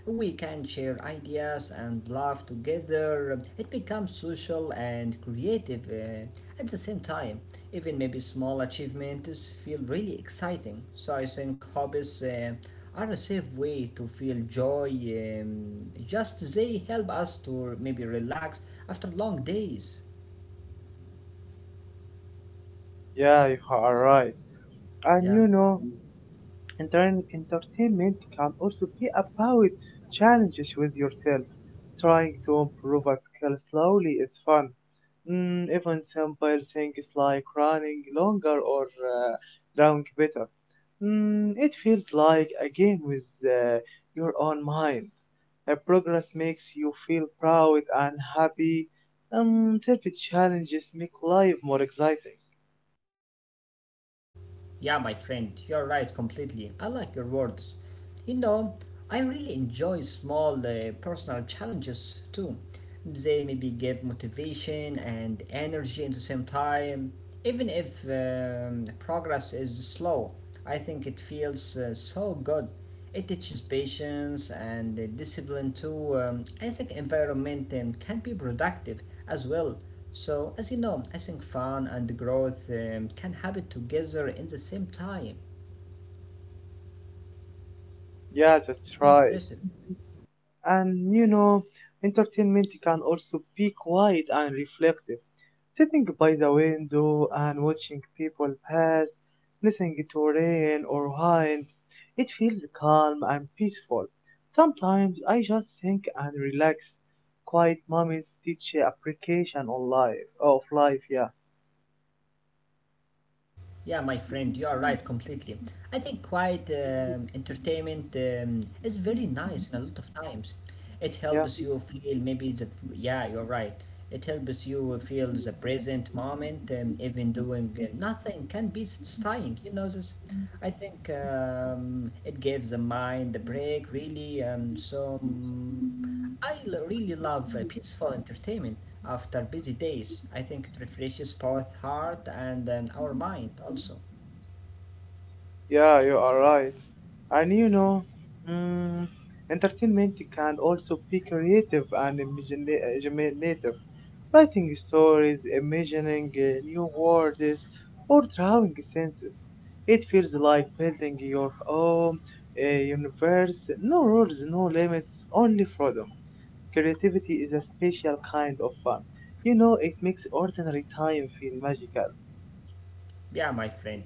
We can share ideas and laugh together. It becomes social and creative. Uh, At the same time, even maybe small achievements feel really exciting. So I think hobbies uh, are a safe way to feel joy. Um, just they help us to maybe relax after long days.
Yeah, you are right. And
Yeah.
you know, enter- entertainment can also be about challenges with yourself. Trying to improve a skill slowly is fun. Mm, even simple things like running longer or uh, drawing better. Mm, it feels like a game with uh, your own mind. A progress makes you feel proud and happy. Um, such challenges make life more exciting.
Yeah, my friend, you're right completely. I like your words. You know, I really enjoy small uh, personal challenges too. They maybe give motivation and energy at the same time. Even if um, progress is slow, I think it feels uh, so good. It teaches patience and uh, discipline too. Um, I think environment um, can be productive as well. So, as you know, I think fun and growth um, can happen together in the same time.
Yeah, that's right.
Impressive.
And you know, entertainment can also be quiet and reflective. Sitting by the window and watching people pass, listening to rain or wind, it feels calm and peaceful. Sometimes I just think and relax. Quiet moments teach appreciation on life, of life, yeah,
Yeah, my friend, you are right completely. I think quiet um, entertainment um, is very nice in a lot of times. It
yeah.
helps you feel maybe the yeah, you're right. It helps you feel the present moment, um, even doing uh, nothing can be satisfying. You know this. I think um, it gives the mind a break, really. Um, so. mm, I really love uh, peaceful entertainment after busy days. I think it refreshes both heart and um, our mind also.
Yeah, you are right. And you know, mm, entertainment can also be creative and imagina- imaginative. Writing stories, imagining uh, new worlds, or drawing senses. It feels like building your own uh, universe. No rules, no limits, only freedom. Creativity is a special kind of fun. You know, it makes ordinary time feel magical.
Yeah, my friend.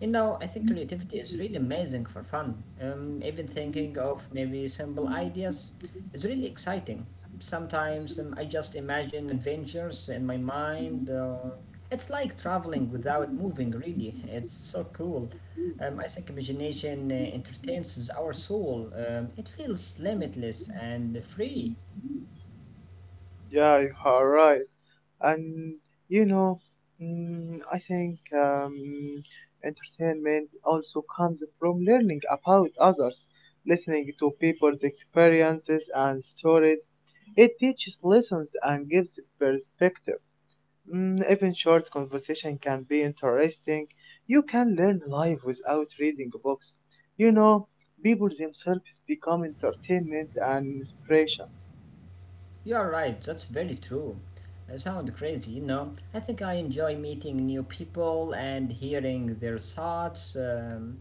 You know, I think creativity is really amazing for fun. Um, even thinking of maybe simple ideas is really exciting. Sometimes um, I just imagine adventures in my mind. Uh, it's like traveling without moving, really. It's so cool. Um, I think imagination uh, entertains our soul. Um, it feels limitless and free.
Yeah, you are right. And you know, mm, i think um, entertainment also comes from learning about others, listening to people's experiences and stories. It teaches lessons and gives perspective. Mm, even short conversation can be interesting. You can learn life without reading books. You know, people themselves become entertainment and inspiration.
You're right, that's very true. I sound crazy, you know. I think I enjoy meeting new people and hearing their thoughts. Um,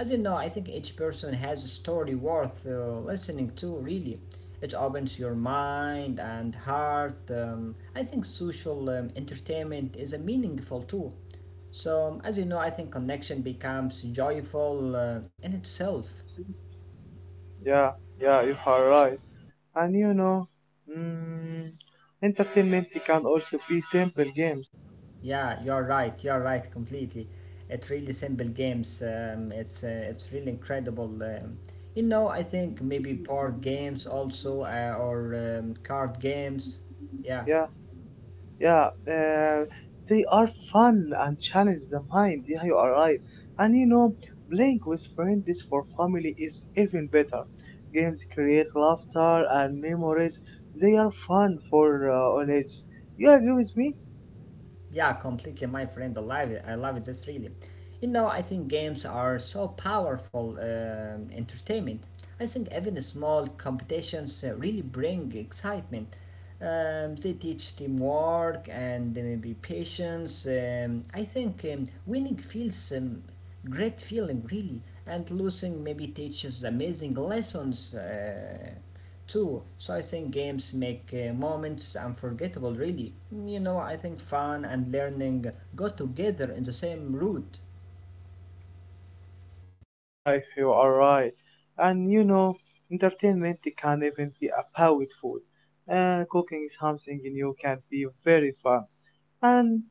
As you know, I think each person has a story worth uh, listening to, really. It opens your mind and heart. Um, I think social um, entertainment is a meaningful tool. So, as you know, I think connection becomes joyful uh, in itself.
Yeah, yeah, you are right. And you know, mm, entertainment can also be simple games.
Yeah, you're right. You're right completely. It's really simple games. Um, it's uh, it's really incredible. Um, you know, I think maybe board games also uh, or um, card games. Yeah.
Yeah, yeah. Uh, they are fun and challenge the mind. Yeah, you are right. And you know, playing with friends for family is even better. Games create laughter and memories. They are fun for uh, all ages. You agree with me?
Yeah, completely, my friend. I love it. I love it. That's really. You know, I think games are so powerful um, entertainment. I think even small competitions uh, really bring excitement. Um, they teach teamwork and uh, maybe patience. Um, I think um, winning feels um, great feeling really, and losing maybe teaches amazing lessons. Uh, too. So I think games make uh, moments unforgettable, really. You know, I think fun and learning go together in the same route.
Yeah, you are right. And you know, entertainment it can even be a powerful. And cooking is something new can be very fun. And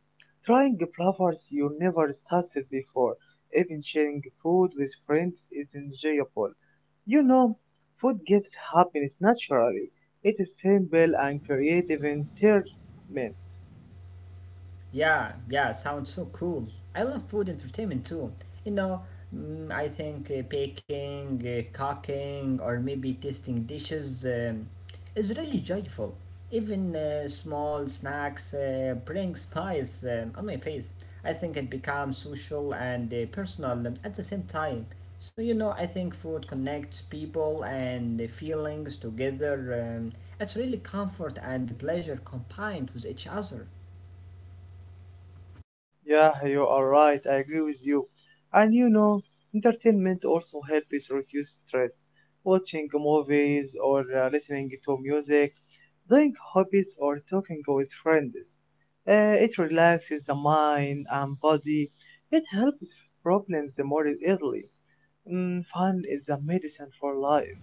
trying flavors you never tasted before, even sharing food with friends is enjoyable. You know, food gives happiness naturally. It is simple and creative entertainment.
Yeah, yeah, sounds so cool. I love food entertainment too. You know, mm, I think uh, baking, uh, cooking, or maybe tasting dishes um, is really joyful. Even uh, small snacks uh, bring smiles um, on my face. I think it becomes social and uh, personal at the same time. So, you know, I think food connects people and the feelings together. Um, it's really comfort and pleasure combined with each other.
Yeah, you are right. I agree with you. And you know, entertainment also helps us reduce stress. Watching movies or uh, listening to music, doing hobbies or talking with friends. Uh, it relaxes the mind and body. It helps problems more easily. Mm, fun is the medicine for life.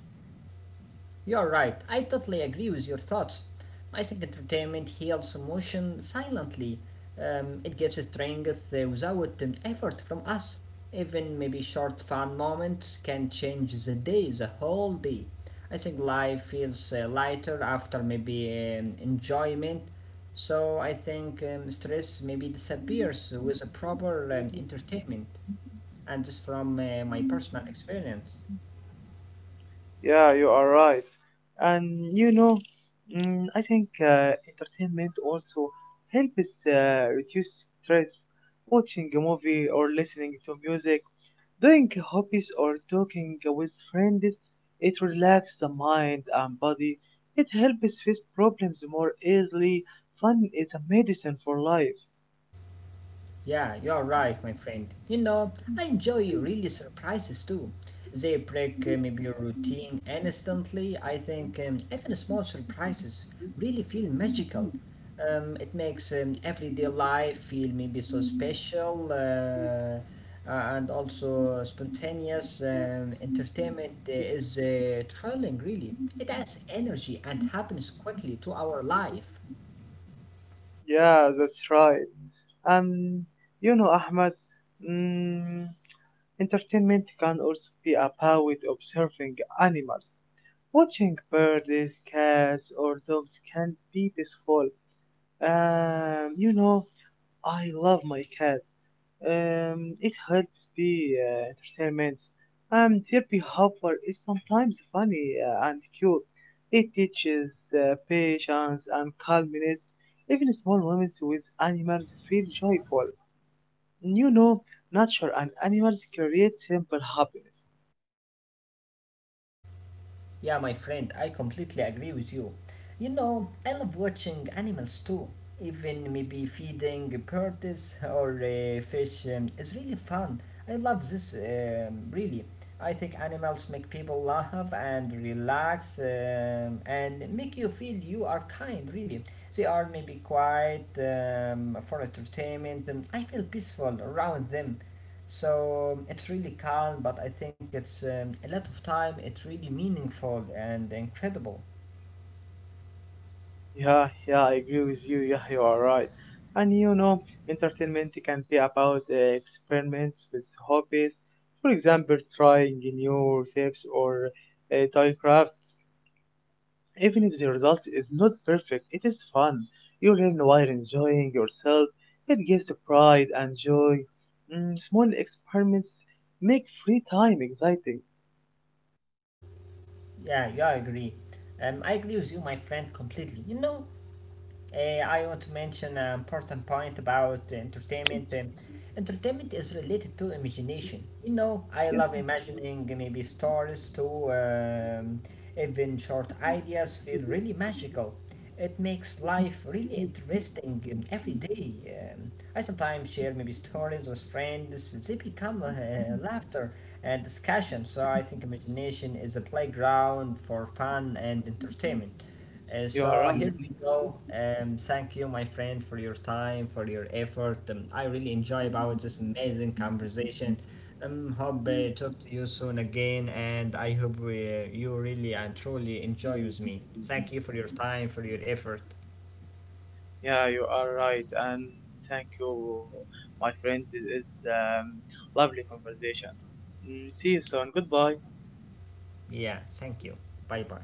You're right, I totally agree with your thoughts. I think entertainment heals emotion silently. Um, it gives strength uh, without an effort from us. Even maybe short fun moments can change the day, the whole day. I think life feels uh, lighter after maybe um, enjoyment. So I think um, stress maybe disappears with a proper um, entertainment. And this from uh, my personal experience.
Yeah, you are right. And you know, mm, I think uh, entertainment also helps uh, reduce stress. Watching a movie or listening to music, doing hobbies or talking with friends, it relaxes the mind and body. It helps face problems more easily. Fun is a medicine for life.
Yeah, you're right, my friend. You know, I enjoy really surprises too. They break uh, maybe your routine instantly. I think um, even small surprises really feel magical. Um, it makes um, everyday life feel maybe so special uh, uh, and also spontaneous. Um, entertainment uh, is uh, thrilling, really. It adds energy and happiness quickly to our life.
Yeah, that's right. Um, you know, Ahmed, mm, entertainment can also be about with observing animals. Watching birds, cats, or dogs can be peaceful. Um, you know, I love my cat. Um, it helps be uh, entertainment. Um, their behavior is sometimes funny uh, and cute. It teaches uh, patience and calmness. Even small moments with animals feel joyful. You know, nature and animals create simple happiness.
Yeah, my friend, I completely agree with you. You know, I love watching animals too. Even maybe feeding birds or uh, fish um, is really fun. I love this, um, really. I think animals make people laugh and relax um, and make you feel you are kind, really. They are maybe quiet um, for entertainment. Um, I feel peaceful around them. So um, it's really calm, but I think it's um, a lot of time. It's really meaningful and incredible.
Yeah, yeah, I agree with you. Yeah, you are right. And you know, entertainment can be about uh, experiments with hobbies. For example, trying new recipes or uh, toy crafts. Even if the result is not perfect, it is fun. You learn while enjoying yourself. It gives pride and joy. Mm, small experiments make free time exciting.
Yeah, yeah, I agree. Um, I agree with you, my friend, completely. You know, Uh, I want to mention an important point about entertainment. Um, entertainment is related to imagination. You know, I
Yeah,
love imagining maybe stories too, um, even short ideas feel really magical. It makes life really interesting um, every day. Um, I sometimes share maybe stories with friends, they become uh, laughter and discussion. So I think imagination is a playground for fun and entertainment. Uh,
you are
so
right.
here we go. Um, thank you, my friend, for your time, for your effort. Um, I really enjoy about this amazing conversation. Um, hope uh, talk to you soon again, and I hope we, uh, you really and truly enjoy with me. Thank you for your time, for your effort.
Yeah, you are right, and thank you, my friend. It is um, lovely conversation. Mm, See you soon. Goodbye.
Yeah, thank you. Bye bye.